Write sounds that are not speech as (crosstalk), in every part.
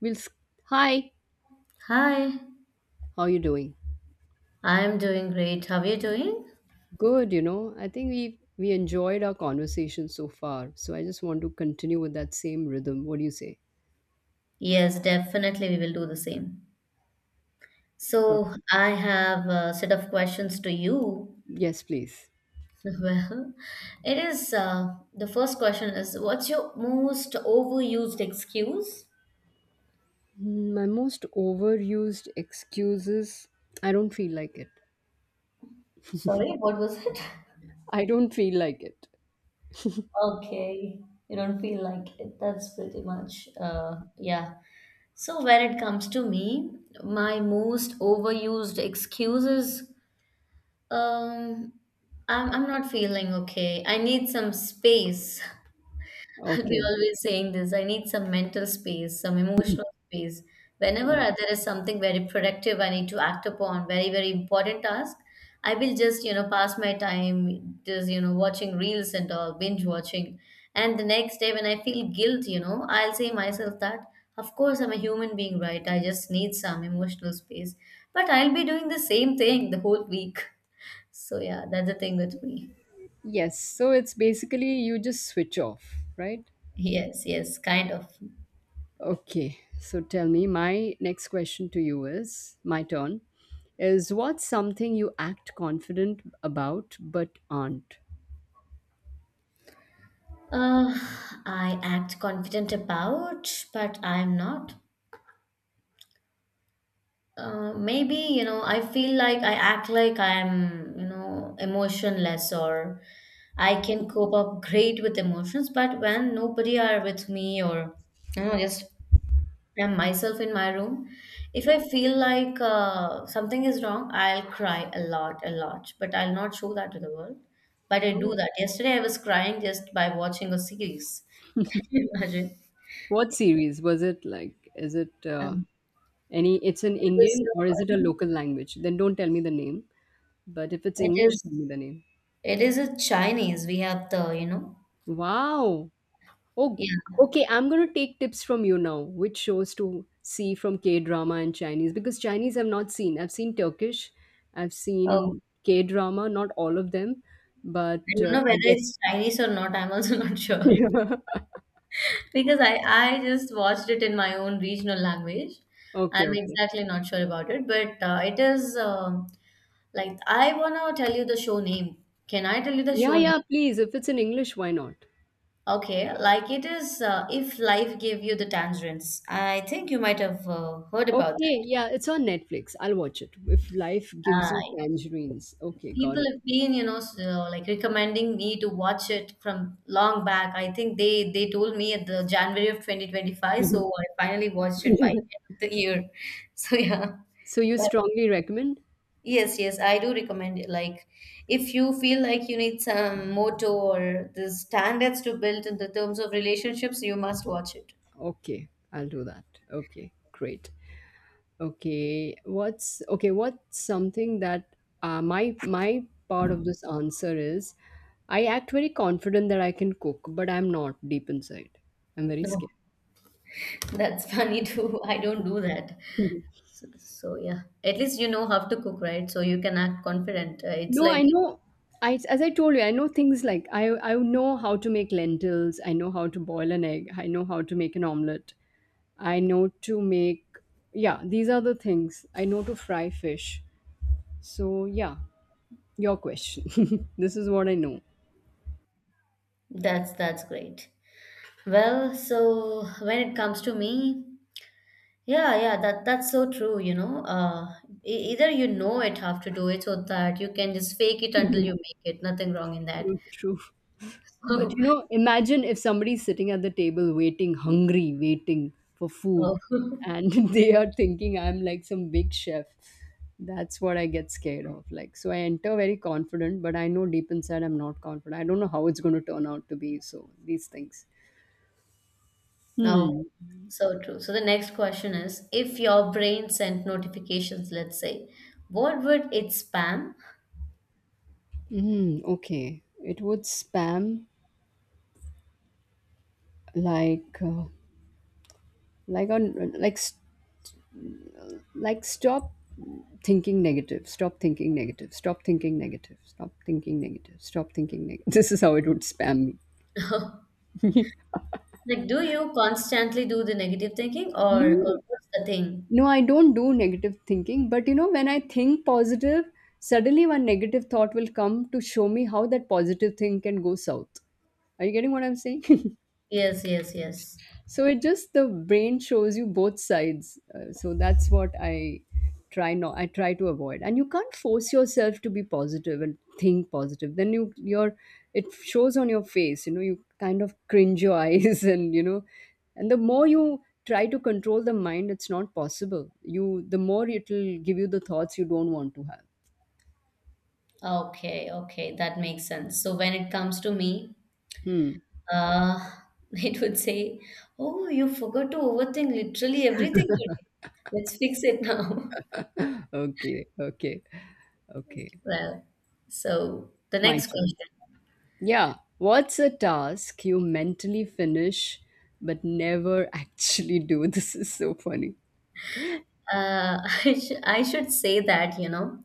We'll s- Hi, Hi, how are you doing? I'm doing great. How are you doing? Good, you know. I think we enjoyed our conversation so far. So I just want to continue with that same rhythm. What do you say? Yes, definitely we will do the same. Okay. So, I have a set of questions to you. Yes, please. (laughs) Well, it is the first question is what's your most overused excuse? My most overused excuses. I don't feel like it. Sorry, what was (laughs) it? I don't feel like it. Okay, you don't feel like it. That's pretty much, yeah. So when it comes to me, my most overused excuse is Um, I'm not feeling okay. I need some space. (laughs) I'll be Okay. always saying this. I need some mental space, some emotional space. Whenever Got it. There is something very productive I need to act upon, very, very important task, I will just, you know, pass my time just, you know, watching reels and all, binge watching. And the next day when I feel guilt, you know, I'll say myself that, of course, I'm a human being, right? I just need some emotional space. But I'll be doing the same thing the whole week. So yeah, that's the thing with me. Yes, so it's basically you just switch off, right? Yes, yes, kind of. Okay, so tell me, my next question to you is my turn is what's something you act confident about but aren't? Uh, I act confident about, but I'm not. Maybe, you know, I feel like I act like I'm, you know, emotionless or I can cope up great with emotions, but when nobody are with me or, you know, just am myself in my room. If I feel like something is wrong, I'll cry a lot a lot, but I'll not show that to the world. But I do Oh. that. Yesterday I was crying just by watching a series. (laughs) Can you imagine? What series was it like? Is it um, any? It's an it was Indian or is it a uh, local language? Then don't tell me the name. But if it's it English, is tell me the name. it is a Chinese. We have the, you know, Wow, oh, yeah. okay. I'm going to take tips from you now, which shows to see from K drama and Chinese, because Chinese I've not seen. I've seen Turkish, I've Oh, seen K drama, not all of them, but I don't know I whether it's Chinese or not. I'm also (laughs) not sure definitely. because I just watched it in my own regional language. (laughs) okay, I'm okay. exactly not sure about it, but it is like I wanna tell you the show name. Can I tell you the Yeah, show yeah, name? please. If it's in English, why not? Okay, like it is If Life Gave You the Tangerines. I think you might have heard about Okay, that. yeah, it's on Netflix. I'll watch it. If life gives you Uh, tangerines. Okay, got people it. have been, you know, so, like recommending me to watch it from long back. I think they told me at the January of 2025, so I finally watched it by the end (laughs) of the year. (laughs) So yeah. so you strongly recommend? Yes, yes, I do recommend it. Like, if you feel like you need some motto or the standards to build in the terms of relationships, you must watch it. Okay, I'll do that. Okay, great. Okay? What's something that my my part of this answer is, I act very confident that I can cook, but I'm not deep inside. I'm very No, scared. that's funny too. (laughs) I don't do that. So yeah, at least you know how to cook, right? So you can act confident. It's No, I like know. I as I told you, I know things like I know how to make lentils. I know how to boil an egg. I know how to make an omelette. I know to make, yeah. These are the things I know, to fry fish. So yeah, your question. (laughs) this is what I know. That's great. Well, so when it comes to me, yeah, yeah, that's so true, you know. Either you know it, have to do it so that you can just fake it until you (laughs) make it. Nothing wrong in that. true, true. But you (laughs) know, imagine if somebody's sitting at the table waiting, hungry, waiting for food, Oh, (laughs) and (laughs) they are thinking I'm like some big chef. That's what I get scared of. Like, so I enter very confident, but I know deep inside I'm not confident. I don't know how it's going to turn out to be. So, these things. oh, Hmm. so true. So the next question is, if your brain sent notifications, let's say, what would it spam? Okay. It would spam like like on like s- like stop thinking negative, stop thinking negative, stop thinking negative, stop thinking negative, stop thinking negative. (laughs) this is how it would spam me. (laughs) Like, do you constantly do the negative thinking No, or what's the thing? no, I don't do negative thinking, but you know, when I think positive, suddenly one negative thought will come to show me how that positive thing can go south. Are you getting what I'm saying? (laughs) Yes, yes, yes. so it just, the brain shows you both sides, so that's what I try not I try to avoid. And you can't force yourself to be positive and think positive, then your it shows on your face, you know, you kind of cringe your (laughs) eyes, and you know, and the more you try to control the mind, it's not possible. You the more it'll give you the thoughts you don't want to have. Okay, okay, that makes sense. So when it comes to me, Hmm. uh, (laughs) it would say, "Oh, you forgot to overthink literally everything today. Let's fix it now." (laughs) Okay, okay, okay. Well, so the My next turn. question. Yeah. What's a task you mentally finish but never actually do? (laughs) This is so funny. Uh, (laughs) I, I should say that, you know,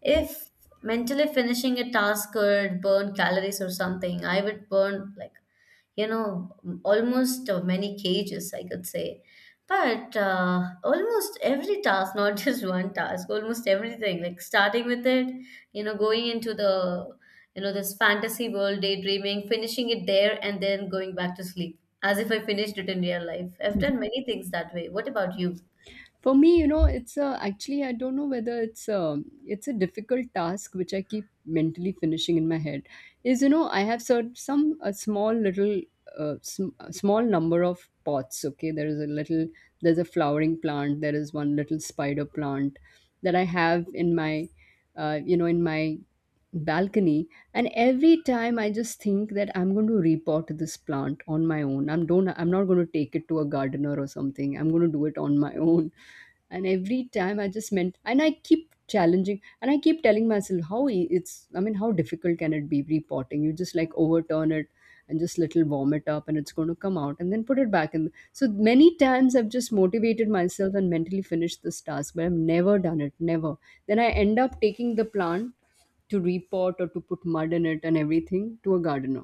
if mentally finishing a task could burn calories or something, I would burn like, you know, almost many cages, I could say. But almost every task, not (laughs) just one task, almost everything, like starting with it, you know, going into the, you know, this fantasy world, daydreaming, finishing it there, and then going back to sleep, as if I finished it in real life. I've done many things that way. What about you? For me, you know, actually, I don't know whether it's a difficult task which I keep mentally finishing in my head. Is, you know, I have a small little, a small number of pots, okay? There's a flowering plant, there is one little spider plant that I have in my, you know, in my balcony. And every time I just think that I'm going to repot this plant on my own. I'm not going to take it to a gardener or something. I'm going to do it on my (laughs) own. And every time I keep challenging and I keep telling myself, how it's, I mean, how difficult can it be repotting? You just like overturn it and just little warm it up and it's going to come out, and then put it back in. So many times I've just motivated myself and mentally finished this task, but I've never done it, never. Then I end up taking the plant to repot or to put mud in it and everything to a gardener.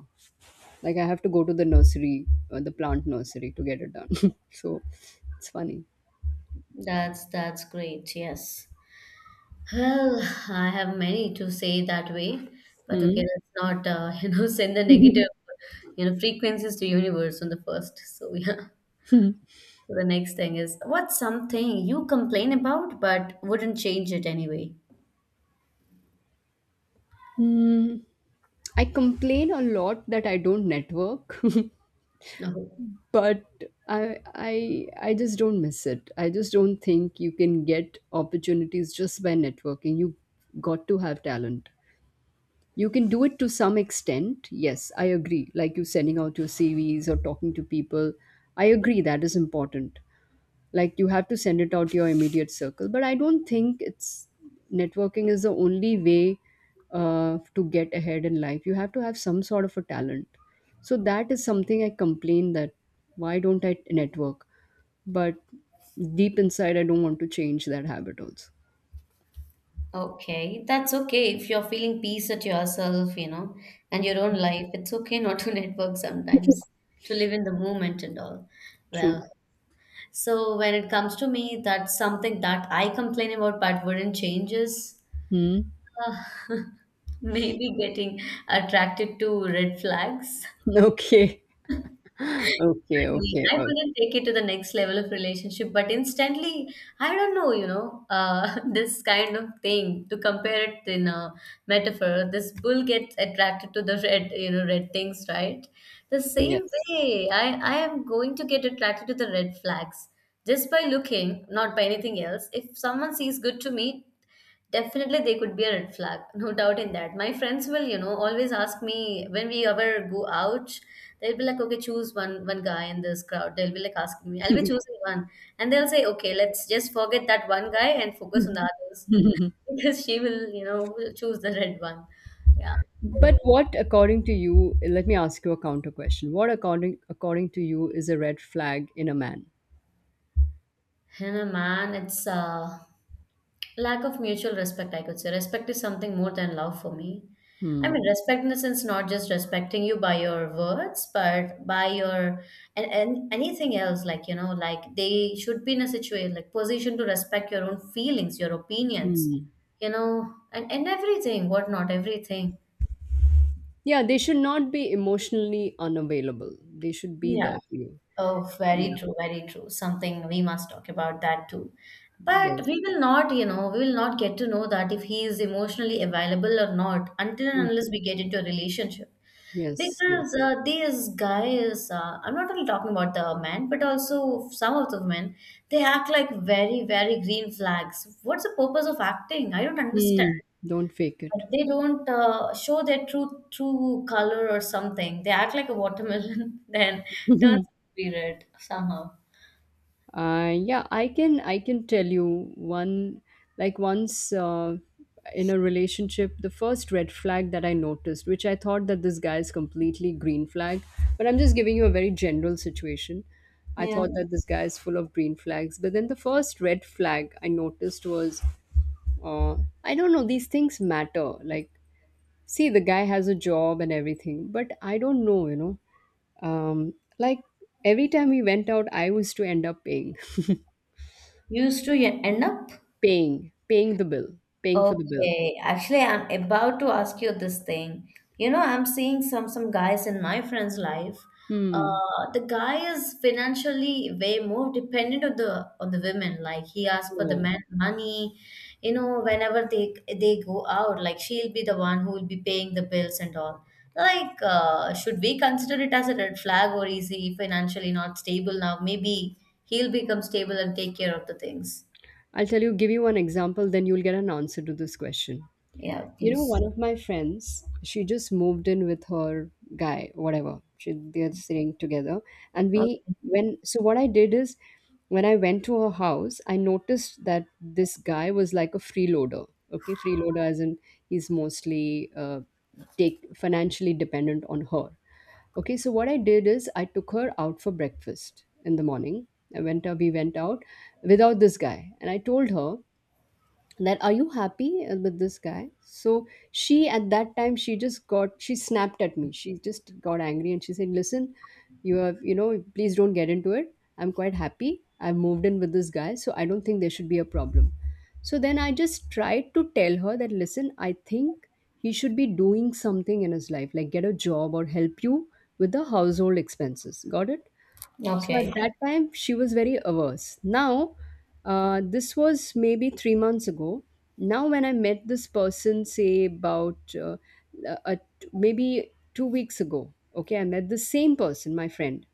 Like I have to go to the nursery, the plant nursery, to get it done. (laughs) so it's funny. That's great. Yes. Well, I have many to say that way, but okay, Hmm. let's not (laughs) you know send the negative (laughs) you know frequencies to universe on the first. So (laughs) yeah. So the next thing is what's something you complain about but wouldn't change it anyway? Hmm. I complain a lot that I don't network, Oh, (laughs) but I just don't miss it. I just don't think you can get opportunities just by networking. You got to have talent. You can do it to some extent. Yes, I agree. Like you sending out your CVs or talking to people. I agree that is important. Like you have to send it out to your immediate circle. But I don't think it's networking is the only way to get ahead in life. You have to have some sort of a talent. So that is something I complain, that why don't I network? But deep inside, I don't want to change that habit also. okay. That's okay if you're feeling peace at yourself, you know, and your own life. It's okay not to (laughs) network sometimes, to live in the moment and all. True. Well, so when it comes to me, that's something that I complain about but wouldn't change is Hmm. (laughs) uh, (laughs) maybe getting attracted to red flags. Okay. Okay. Okay. I wouldn't take it to the next level of relationship, but instantly, I don't know, you know, (laughs) this kind of thing to compare it in a metaphor. This bull gets attracted to the red, you know, red things, right? The same Yes. way, I am going to get attracted to the red flags just by looking, not by anything else. If someone sees good to me, definitely, they could be a red flag. (laughs) No doubt in that. My friends will, you know, always ask me when we ever go out. They'll be like, okay, choose one guy in this crowd. They'll be like asking me. I'll be choosing one, and they'll say, okay, let's just forget that one guy and focus on the others (laughs) because she will, you know, will choose the red one. Yeah. So, But what, according to you, let me ask you a counter question. What, according to you, is a red flag in a man? and a man, it's lack of mutual respect, I could say. Respect is something more than love for me. I mean, Hmm. respect in the sense not just respecting you by your words, but by your and anything else. Like you know, like they should be in a situation like position to respect your own feelings, your opinions, Hmm. you know, and everything, whatnot, everything. Yeah, they should not be emotionally unavailable. They should be Yeah. there for you. Oh, very Yeah. true, very true. Something we must talk about that too. But Yes. we will not, you know, we will not get to know that if he is emotionally available or not until Mm. and unless we get into a relationship. Yes. Yes. Because these guys, I'm not only talking about the men, but also some of the men, they act like very, very green flags. What's the purpose of acting? I don't understand. Hmm. Don't fake it. But they don't show their true color or something. They act like a watermelon, (laughs) then turns (laughs) to be red somehow. Yeah, I can tell you one, like once in a relationship, the first red flag that I noticed, which I thought that this guy is completely green flag, but I'm just giving you a very general situation. I Yeah. thought that this guy is full of green flags, but then the first red flag I noticed was, uh, I don't know, these things matter. Like, see, the guy has a job and everything, but I don't know, you know, like every time we went out, I was to end up paying. (laughs) Used to end up. Paying the bill, paying for the bill. Okay, actually, I'm about to ask you this thing. You know, I'm seeing some guys in my friend's life. Hmm. The guy is financially way more dependent on the women. Like he asks for the No. man money. You know, whenever they go out, like she'll be the one who will be paying the bills and all. Like, should we consider it as a red flag, or is he financially not stable now? Maybe he'll become stable and take care of the things. I'll tell you, give you one example, then you'll get an answer to this question. Yeah, You know, please. one of my friends, she just moved in with her guy, whatever. She they're staying together. And Okay. we when so what I did is when I went to her house, I noticed that this guy was like a freeloader. Okay, freeloader as in he's mostly take financially dependent on her. Okay, so what I did is I took her out for breakfast in the morning. We went out without this guy. And I told her, that are you happy with this guy? So she, at that time, she just got, she snapped at me, she just got angry and she said, listen, you know, please don't get into it, I'm quite happy, I've moved in with this guy, so I don't think there should be a problem. So then I just tried to tell her that, listen, I think he should be doing something in his life, like get a job or help you with the household expenses. Got it. So at Okay. that time, she was very averse. Now, this was maybe three months ago. Now, when I met this person, say about uh, maybe two weeks ago, okay, I met the same person, my friend.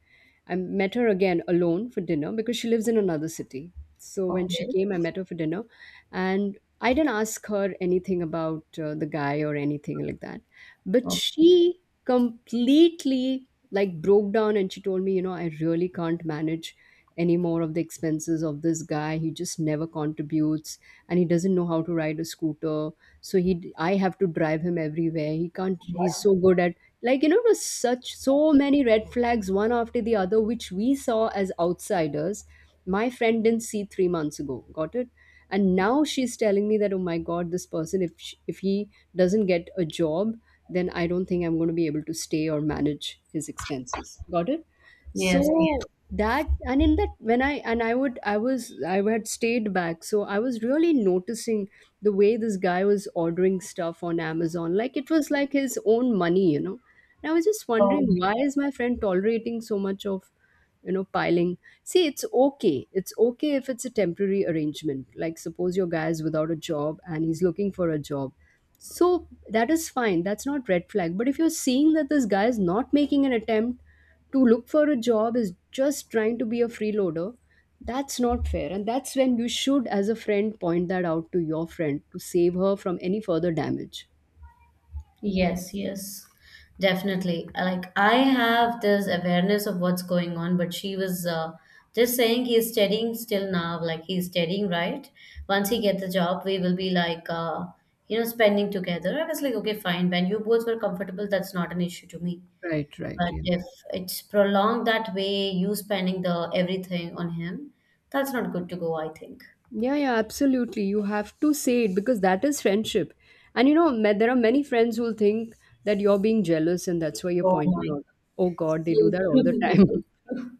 I met her again alone for dinner because she lives in another city. So when she Okay. came, I met her for dinner, and I didn't ask her anything about the guy or anything like that. But Okay. she completely like broke down and she told me, you know, I really can't manage any more of the expenses of this guy. He just never contributes, and he doesn't know how to ride a scooter. So he I have to drive him everywhere. He can't he's so good at it was such so many red flags one after the other, which we saw as outsiders. My friend didn't see 3 months ago. Got it. And now she's telling me that, oh my god, this person, if he doesn't get a job, then I don't think I'm going to be able to stay or manage his expenses. Got it. Yes. Yes. So that and in that when I and I would I was I had stayed back, so I was really noticing the way this guy was ordering stuff on Amazon like it was like his own money, and I was just Oh wondering, my why God. is my friend tolerating so much of, piling? See, it's okay, it's okay if it's a temporary arrangement, like suppose your guy is without a job and he's looking for a job, so that is fine, that's not red flag. But if you're seeing that this guy is not making an attempt to look for a job, is just trying to be a freeloader, that's not fair. And that's when you should, as a friend, point that out to your friend to save her from any further damage. Yes. Yes. Definitely. Like I have this awareness of what's going on, but she was just saying he's studying still now. Like he's studying, right? Once he get the job, we will be like, you know, spending together. I was like, okay, fine. When you both were comfortable, that's not an issue to me. Right, right. But Yeah. if it's prolonged that way, you spending the everything on him, that's not good to go, I think. Yeah, yeah, absolutely. You have to say it because that is friendship. And you know, there are many friends who'll think that you're being jealous and that's why you're Oh pointing my out. Oh God, they do so that all the true. time. So (laughs) true.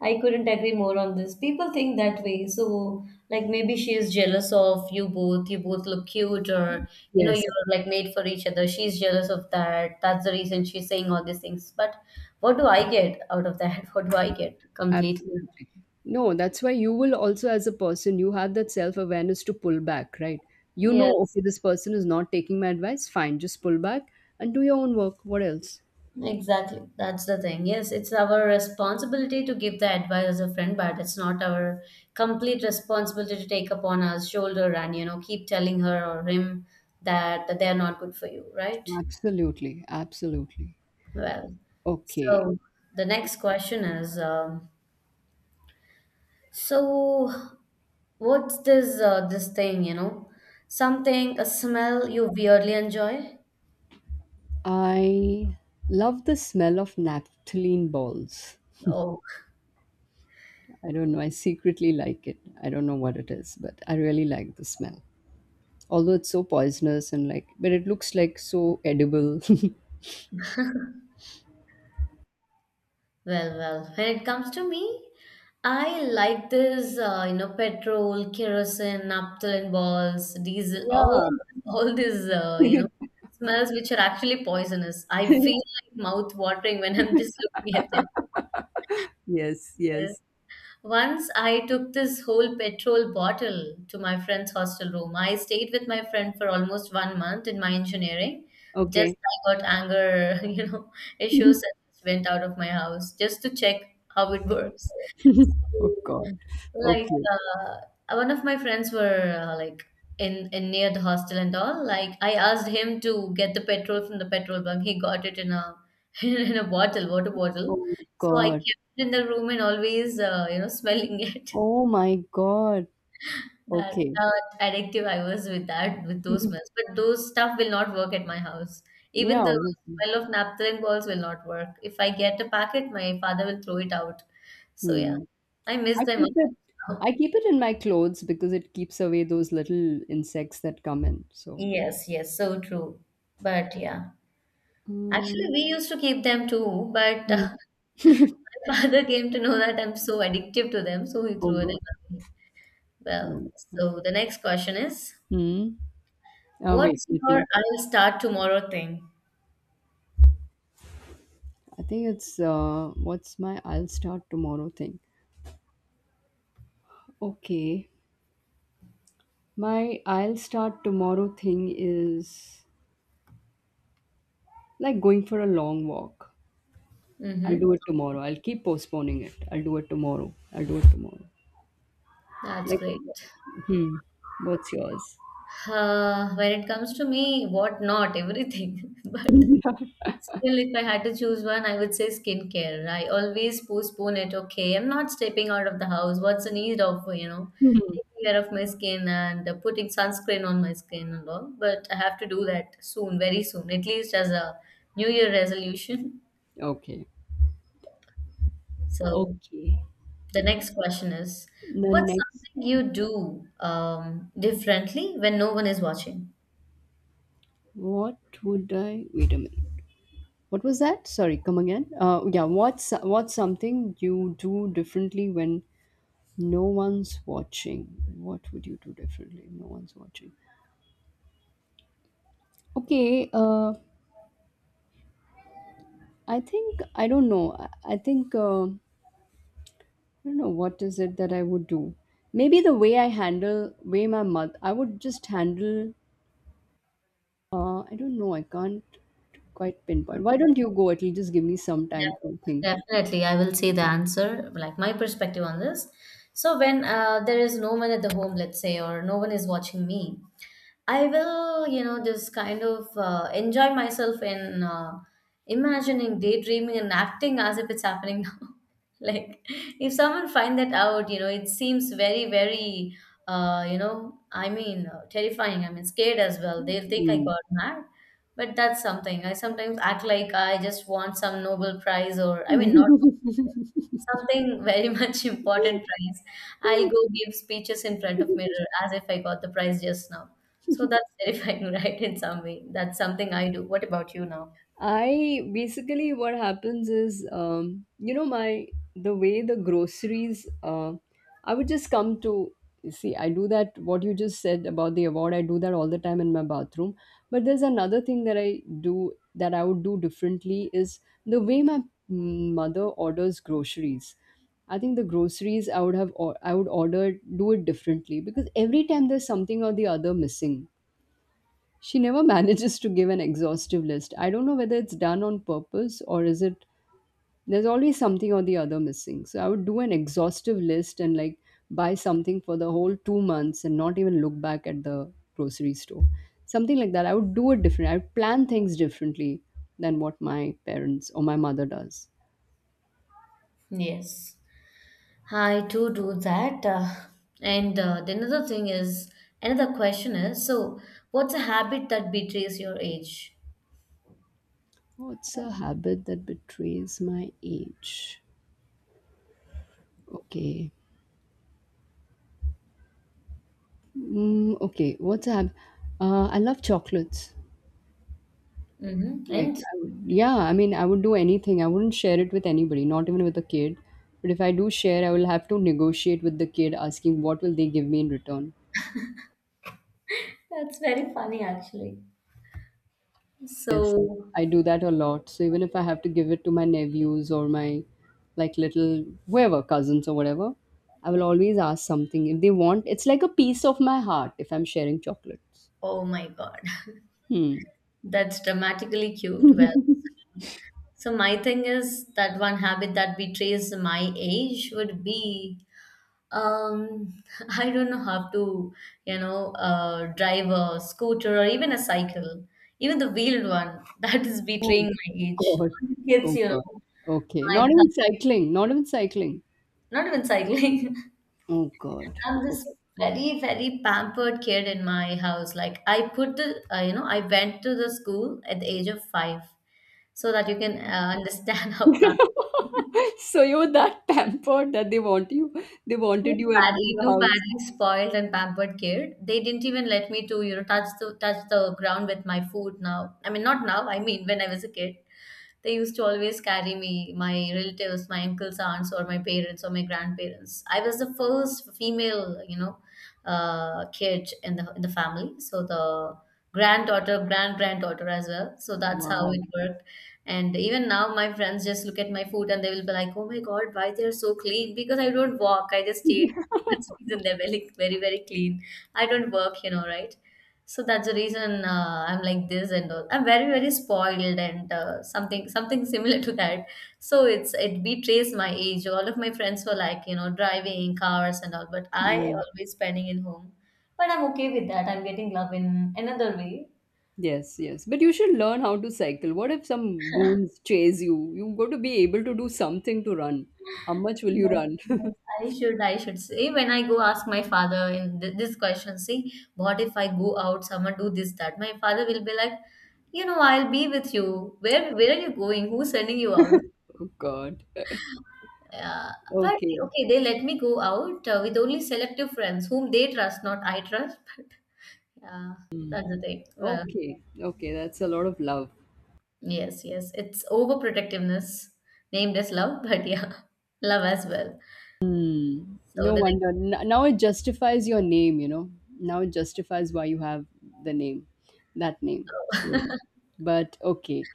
I couldn't agree more on this. People think that way. So, like, maybe she is jealous of you both. You both look cute, or, you know, Yes, you're like made for each other. She's jealous of that. That's the reason she's saying all these things. But what do I get out of that? (laughs) What do I get completely? absolutely. No, that's why you will also, as a person, you have that self awareness to pull back, right? You know, Yes. okay, this person is not taking my advice. Fine, just pull back and do your own work. What else? Exactly. That's the thing. Yes, it's our responsibility to give the advice as a friend, but it's not our complete responsibility to take upon our shoulder and, you know, keep telling her or him that, that they are not good for you, right? Absolutely, absolutely. Well, Okay. so the next question is, so what's this this thing, you know? Something, a smell you weirdly enjoy? I love the smell of naphthalene balls. Oh. I don't know. I secretly like it. I don't know what it is, but I really like the smell. Although it's so poisonous and like, but it looks like so edible. (laughs) Well, well, when it comes to me, I like this, you know, petrol, kerosene, naphthalene balls, diesel, all Yeah. (laughs) all these, you know, smells which are actually poisonous. I feel like mouth watering when I'm just (laughs) looking at them. Yes. Yes. Yes. Once I took this whole petrol bottle to my friend's hostel room. I stayed with my friend for almost 1 month in my engineering. Just Okay. I got anger, (laughs) you know, issues (laughs) and just went out of my house just to check how it works. Oh God. Like Okay. One of my friends were like in near the hostel and all. Like I asked him to get the petrol from the petrol bunk. He got it in a (laughs) in a bottle, water bottle. Oh So I God. kept it in the room and always you know smelling it. (laughs) Oh my God. That Okay. that addictive I was with that with those smells. (laughs) But those stuff will not work at my house. Even Yeah. the Obviously. smell of naphthalene balls will not work. If I get a packet, my father will throw it out. So yeah, Hmm. I miss I them a keep lot it. I now. keep it in my clothes because it keeps away those little insects that come in. So. Yes, yes, so true. But yeah, actually, Mm. we used to keep them too. But Mm. (laughs) My father came to know that I'm so addictive to them, so he Oh threw God. them away. Well, Hmm. so the next question is, Hmm? Wait, what's let your me. I'll start tomorrow thing? I think it's what's my I'll start tomorrow thing. Okay, my I'll start tomorrow thing is like going for a long walk. I'll Mm-hmm. do it tomorrow. I'll keep postponing it. I'll do it tomorrow. I'll do it tomorrow. That's Like, great. hmm, what's yours? (laughs) When it comes to me, what not, everything. (laughs) But still, if I had to choose one, I would say skincare. I always postpone it. Okay, I'm not stepping out of the house. What's the need of, Mhm. taking care of my skin and putting sunscreen on my skin and all? But I have to do that soon, very soon, at least as a New Year resolution. Okay. So Okay. the next question is, The what's next, something you do differently when no one is watching? what would I? Wait a minute. What was that? Sorry, come again. Yeah. What's something you do differently when no one's watching? What would you do differently if no one's watching? Okay. I think I don't know. I think I don't know what is it that I would do. Maybe the way I handle way my mother, I would just handle. I don't know, I can't quite pinpoint. Why don't you go at least? Just give me some time to think. Definitely, I will say the answer, like my perspective on this. So when there is no one at the home, let's say, or no one is watching me, I will, you know, just kind of enjoy myself in imagining, daydreaming, and acting as if it's happening now. (laughs) Like, if someone find that out, you know, it seems very, very, terrifying. I mean, scared as well. They'll think I got mad. But that's something. I sometimes act like I just want some Nobel Prize or, I mean, not something very (laughs) much important prize. I'll Hmm. go give speeches in front of mirror as if I got the prize just now. So (laughs) that's terrifying, (laughs) right? In some way, that's something I do. What about you now? I basically, what happens is, you know, my the way the groceries, I would just come to you see. I do that. What you just said about the award, I do that all the time in my bathroom. But there's another thing that I do that I would do differently, is the way my mother orders groceries. I think the groceries I would I would order, do it differently because every time there's something or the other missing, she never (laughs) manages to give an exhaustive list. I don't know whether it's done on purpose or is it, there's always something or the other missing. So I would do an exhaustive list and like buy something for the whole 2 months and not even look back at the grocery store. Something like that. I would do it different. I would plan things differently than what my parents or my mother does. Yes. I too do that. And the another thing is, another question is, so what's a habit that betrays your age? What's a habit that betrays my age? Okay. Okay. I love chocolates. Mm-hmm. Like, And I would, yeah, I mean, I would do anything. I wouldn't share it with anybody, not even with a kid. But if I do share, I will have to negotiate with the kid, asking what will they give me in return. that's very funny actually. So, I do that a lot. So even if I have to give it to my nephews or my like little whoever cousins or whatever, I will always ask something if they want. It's like a piece of my heart if I'm sharing chocolates. oh my God, Hmm. (laughs) that's dramatically cute. Well, so my thing is that one habit that betrays my age would be Um, (laughs) I don't know how to, you know, drive a scooter or even a cycle, even the wheeled one. (laughs) That is Oh betraying my age. God. All the Oh kids, you God. know, Okay. my Not even cousins, cycling. Not even cycling. not even cycling. Oh God. (laughs) I'm this very, very pampered kid in my house. Like I put the, I went to the school at the age of 5, so that you can understand (laughs) how pampered. (laughs) So you were that pampered that they wanted Too you at in badly, the too house. badly spoiled and pampered kid. They didn't even let me to, you know, touch the ground with my food now. I mean, not now, I mean when I was a kid, they used to always carry me, my relatives, my uncles, aunts, or my parents or my grandparents. I was the first female, you know, kid in the family. So the granddaughter, granddaughter as well. So that's how it Wow. worked. And even now, my friends just look at my food and they will be like, "Oh my God, why they're so clean?" Because I don't walk. I just stay at home. (laughs) That's the reason they're very, very, very clean. I don't work, you know, right? So that's the reason I'm like this and all. I'm very spoiled and something (laughs) similar to that. So it betrays my age. All of my friends were like you know driving cars and all, but I Mm. always spending in home. But I'm okay with that. I'm getting love in another way. Yes, yes. But you should learn how to cycle. What if some goons chase you? You've got to be able to do something to run. How much will you Yes, run? (laughs) yes, I should say when I go ask my father in this question. See, what if I go out? Someone do this that. My father will be like, you know, I'll be with you. Where are you going? Who's sending you out? Oh God. Uh, but Okay. okay, they let me go out with only selective friends whom they trust, not I trust. Yeah, that's the thing. Well, Okay. Okay. That's a lot of love. yes, yes, it's overprotectiveness named as love, but yeah, (laughs) love as well. Hmm. So No the wonder. N- now it justifies your name, you know. Now it justifies why you have the name, that name. next So, love. (laughs) but okay.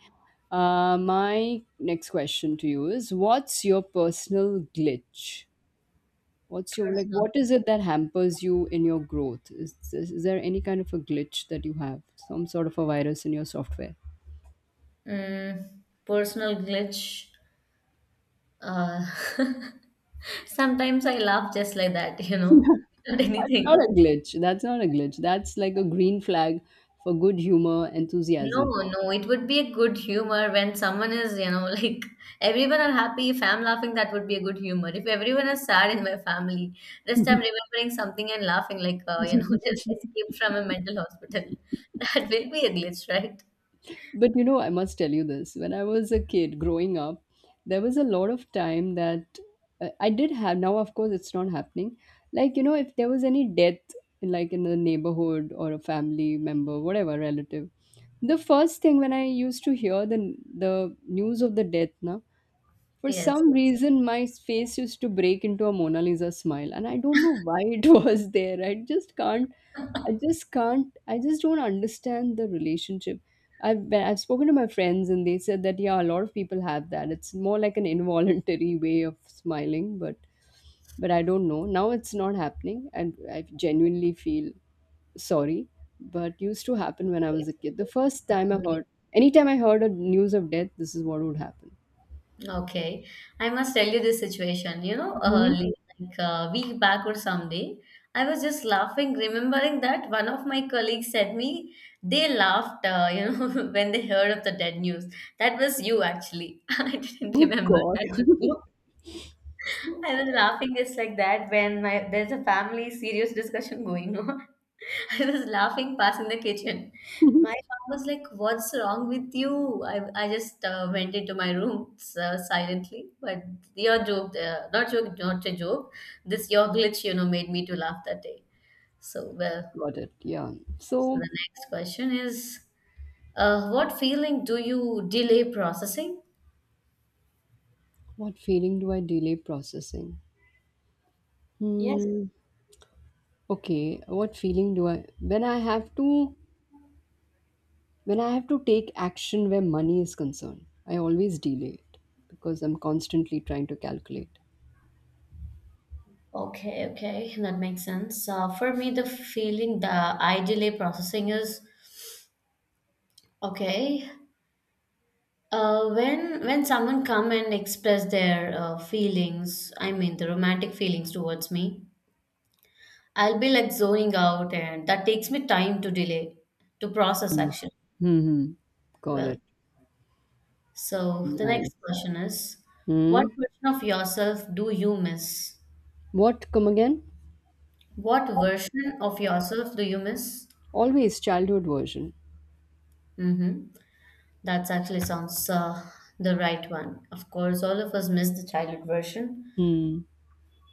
My next question to you is, what's your personal glitch? What's your, like, Personal, what is it that hampers you in your growth? Is there any kind of a glitch that you have? Some sort of a virus in your software? mm, personal glitch. Uh, (laughs) sometimes I laugh just like that, you know, (laughs) not That's anything. not a glitch. That's not a glitch. That's like a green flag for good humor, No, enthusiasm. no, it would be a good humor when someone is, you know, (laughs) like everyone are happy. If I'm laughing, that would be a good humor. If everyone is sad in my family, just I'm remembering something and laughing, like, (laughs) this escape from a mental hospital. (laughs) That will be a glitch, right? But you know, I must tell you this. When I was a kid growing up, there was a lot of time that I did have. Now, of course, it's not happening. Like, you know, if there was any death, like in the neighborhood or a family member, whatever relative, the first thing when I used to hear the news of the death, na, for Yes, some yes, reason, my face used to break into a Mona Lisa smile, and I don't know why it (laughs) was there. I just don't understand the relationship. I've spoken to my friends, and they said that yeah, a lot of people have that. It's more like an involuntary (laughs) way of smiling, but I don't know. Now it's not happening, and I genuinely feel sorry. But used to happen when I was yes. a kid. The first time I Okay. heard, anytime I heard a news of death, this is what would happen. Okay, I must tell you this situation. You know, Mhm. early, like a week back or someday, I was just laughing, remembering that one of my colleagues said me they laughed, (laughs) when they heard of the dead news. That was you, actually. (laughs) I didn't Oh remember God. that was you. (laughs) Got I was laughing just like that when my there's a family serious discussion going on. (laughs) I was laughing past in the kitchen. My mom was like, "What's wrong with you?" I just went into my room silently. But your joke, not a joke. This your glitch, you know, made me to laugh that day. So well, it. Yeah. so the So, next question is, what feeling do you delay processing? what feeling do I delay processing? Yes. Hmm. Okay. What feeling do I when I have to when I have to take action where money is concerned, I always delay it because I'm constantly trying to calculate. Okay, okay, that makes sense. For me, the feeling, the I delay processing is okay. When someone come and express their feelings, I mean the romantic feelings towards me, I'll be like zoning out, and that takes me time to delay to process action. Hmm. Got Well, it. so the Nice. next question is, what Hmm. version of yourself do you miss? What? Come again? What version of yourself do you miss? Always childhood version. Mm-hmm. That actually sounds the right one. Of course, all of us miss the childhood version, Hmm.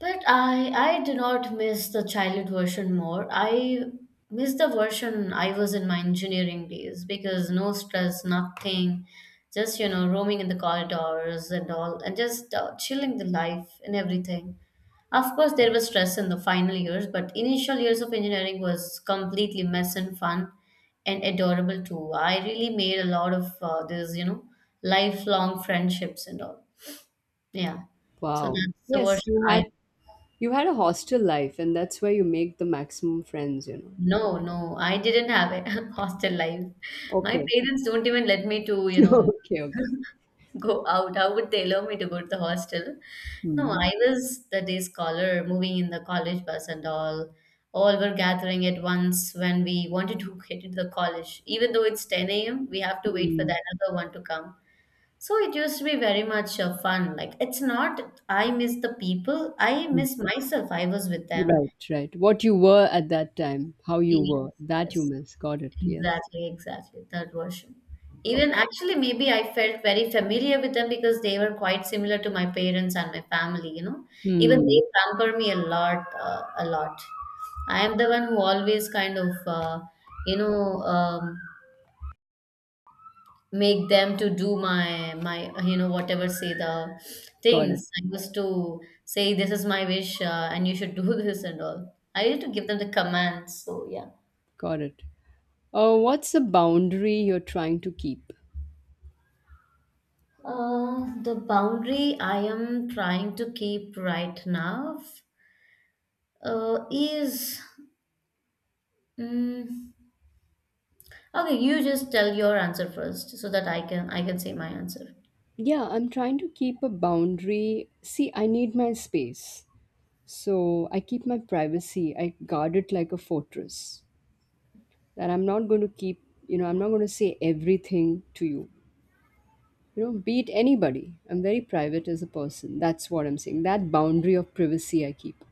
but I do not miss the childhood version more. I miss the version I was in my engineering days because no stress, nothing, just you know roaming in the corridors and all, and just chilling the life and everything. Of course, there was stress in the final years, but initial years of engineering was completely mess and fun and adorable too. I really made a lot of these you know lifelong friendships and all. Yeah, so Wow. that's the Yes, version I you had a hostel life, and that's where you make the maximum friends, you know. No, no, I didn't have a (laughs) hostel life. My Okay. parents don't even let me to, (laughs) you know, Okay, okay. go out. How would they allow me to go to the hostel? No, Hmm. I was the day scholar moving in the college bus and all. All were gathering at once when we wanted to (laughs) get into the college. Even though it's 10 a.m., we have to wait for Hmm. the another one to come. So it used to be very much fun. Like, it's not I miss the people, I Hmm. miss myself. I was with them. Right, right. What you were at that time, how you Yes, were, that you yes. miss. Got it. Yes. Exactly, exactly. Third version. Even Okay. actually, maybe I felt very familiar with them because they were quite similar to my parents and my family, you know. Even Hmm. they pamper me a lot, a lot. I am the one who always kind of, you know, um, make them to do my you know whatever say the Got it. things I used to say this is my wish and you should do (laughs) this and all. I used to give them the commands. So yeah. Got it. What's the boundary you're trying to keep? The boundary I am trying to keep right now is mm, okay. You just tell your answer first, so that I can say my answer. Yeah, I'm trying to keep a boundary. See, I need my space. So I keep my privacy. I guard it like a fortress. That I'm not going to keep, you know, I'm not going to say everything to you. You know, beat anybody. I'm very private as a person. That's what I'm saying, that boundary of privacy I keep.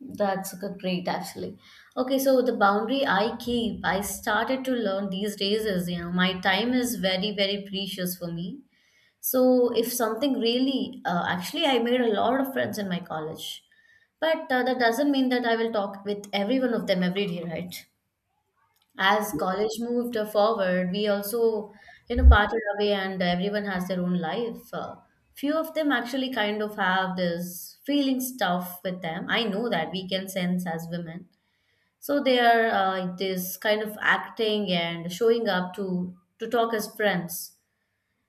That's great, actually. Okay, so the boundary I keep, I started to learn these days is, you know, my time is very, very precious for me. So if something really, actually, I made a lot of friends in my college, but that doesn't mean that I will talk with every one of them every day, right? As college moved forward, we also you know parted away and everyone has their own life, few of them actually kind of have this feeling stuff with them. I know that we can sense as women, so they are this kind of acting and showing up to talk as friends.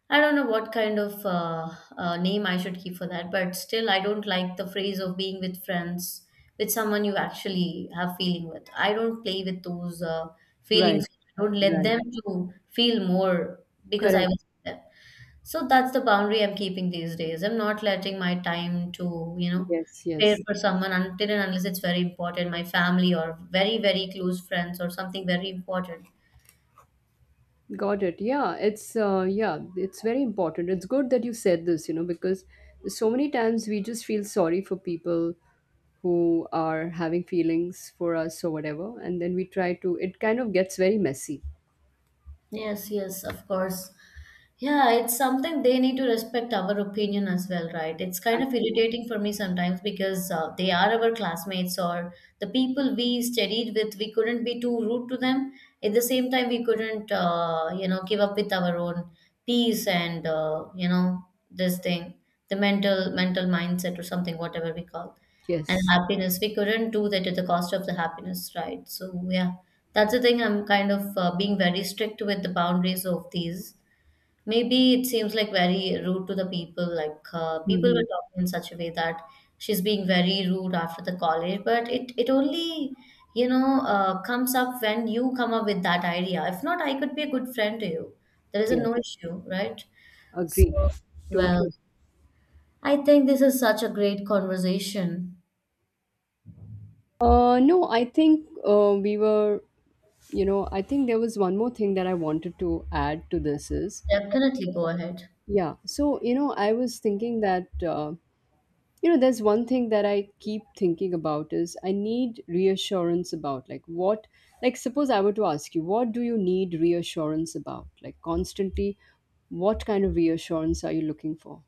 I don't know what kind of name I should keep for that, but still, I don't like the phrase of being with friends, with someone you actually have feeling with. I don't play with those Right, feelings. I don't let right. them to feel more because I Correct. was with them. So that's the boundary I'm keeping these days. I'm not letting my time to, you know, Yes, spare yes. for someone until and unless it's very important, my family or very, very close friends or something very important. Got it. Yeah, it's very important. It's good that you said this, you know, because so many times we just feel sorry for people who are having feelings for us or whatever, and then we try to, it kind of gets very messy. Yes, yes, of course. Yeah, it's something they need to respect our opinion as well, right? It's kind of Absolutely. irritating for me sometimes because they are our classmates or the people we studied with. We couldn't be too rude to them. At the same time, we couldn't, give up with our own peace and, this thing, the mental mindset or something, whatever we call and Yes. happiness. We couldn't do that at the cost of the happiness, right? So, yeah, that's the thing. I'm kind of being very strict with the boundaries of these. Maybe it seems like very rude to the people. Like people were Mm-hmm. talking in such a way that she's being very rude after the college, but it only comes up when you come up with that idea. If not, I could be a good friend to you. There is a Yes. no issue, right? So, Agree. well, Totally. I think this is such a great conversation. No, I think we were, you know, I think there was one more thing that I wanted to add to this is, Definitely go ahead. yeah. So, you know, I was thinking that, you know, there's one thing that I keep thinking about is I need reassurance about, like, what, like, suppose I were to ask you, what do you need reassurance about? Like, constantly, what kind of reassurance are you looking for?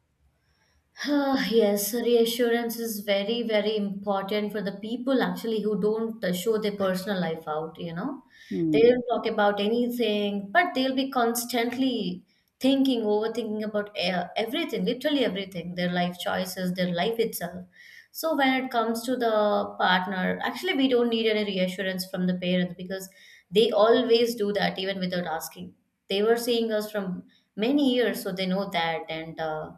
Ah, yes, reassurance is very, very important for the people actually who don't show their personal life out, you know. They Hmm. don't talk about anything, but they'll be constantly thinking, overthinking about everything, literally everything, their life choices, their life itself. So when it comes to the partner, actually, we don't need any reassurance from the parents because they always do that even without asking. They were seeing us from many years, so they know that and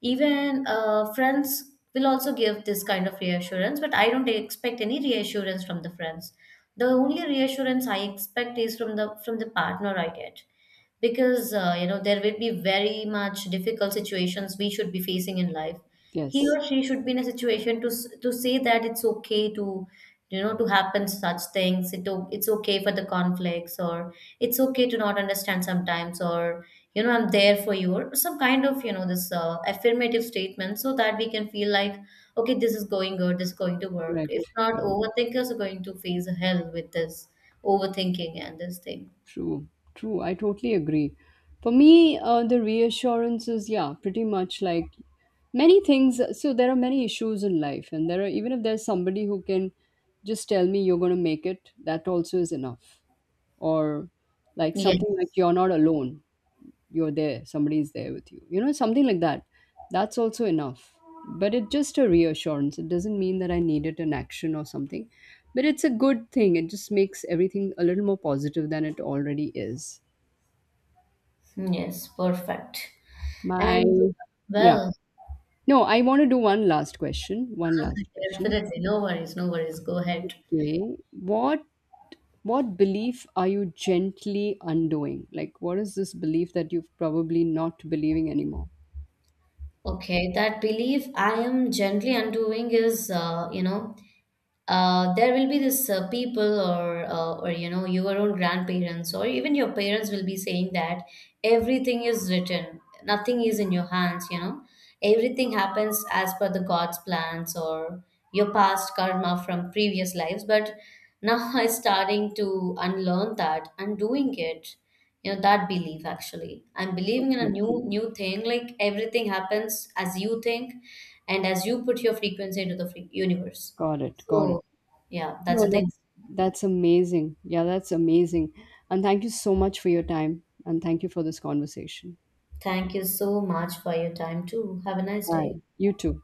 even friends will also give this kind of reassurance, but I don't expect any reassurance from the friends. The only reassurance I expect is from the partner I get because you know there will be very much difficult situations we should be facing in life he Yes, or she should be in a situation to to say that it's okay to you know to happen such things it's okay for the conflicts or it's okay to not understand sometimes or you know I'm there for you or some kind of you know this affirmative statement so that we can feel like okay this is going good this is going to work if correct. not overthinkers are going to face hell with this overthinking and this thing True, true. I totally agree. For me, the reassurance is, yeah, pretty much like many things. So there are many issues in life, and there are, even if there's somebody who can just tell me you're going to make it, that also is enough. Or like yes. something like, you're not alone, you're there, somebody is there with you, you know, something like that, that's also enough. But it's just a reassurance, it doesn't mean that I needed an action or something, but it's a good thing, it just makes everything a little more positive than it already is. Yes, perfect. My And Yeah, well, no, I want to do one last question, one last (laughs) question. definitely, no worries, no worries. Go ahead. Okay, what belief are you gently undoing? Like, what is this belief that you've probably not believing anymore? Okay, that belief I am gently undoing is, there will be this people or you know your own grandparents or even your parents will be saying that everything is written, nothing is in your hands, you know, everything happens as per the God's plans or your past karma from previous lives, but now (laughs) I'm starting to unlearn that. I'm doing it, you know, that belief actually. I'm believing in a Okay. new thing, like everything happens as you think and as you put your frequency into the free universe. Got it, got it. So, yeah, that's No, the thing. That's amazing. Yeah, that's amazing. And thank you so much for your time. And thank you for this conversation. Thank you so much for your time too. Have a nice day. Bye. You too.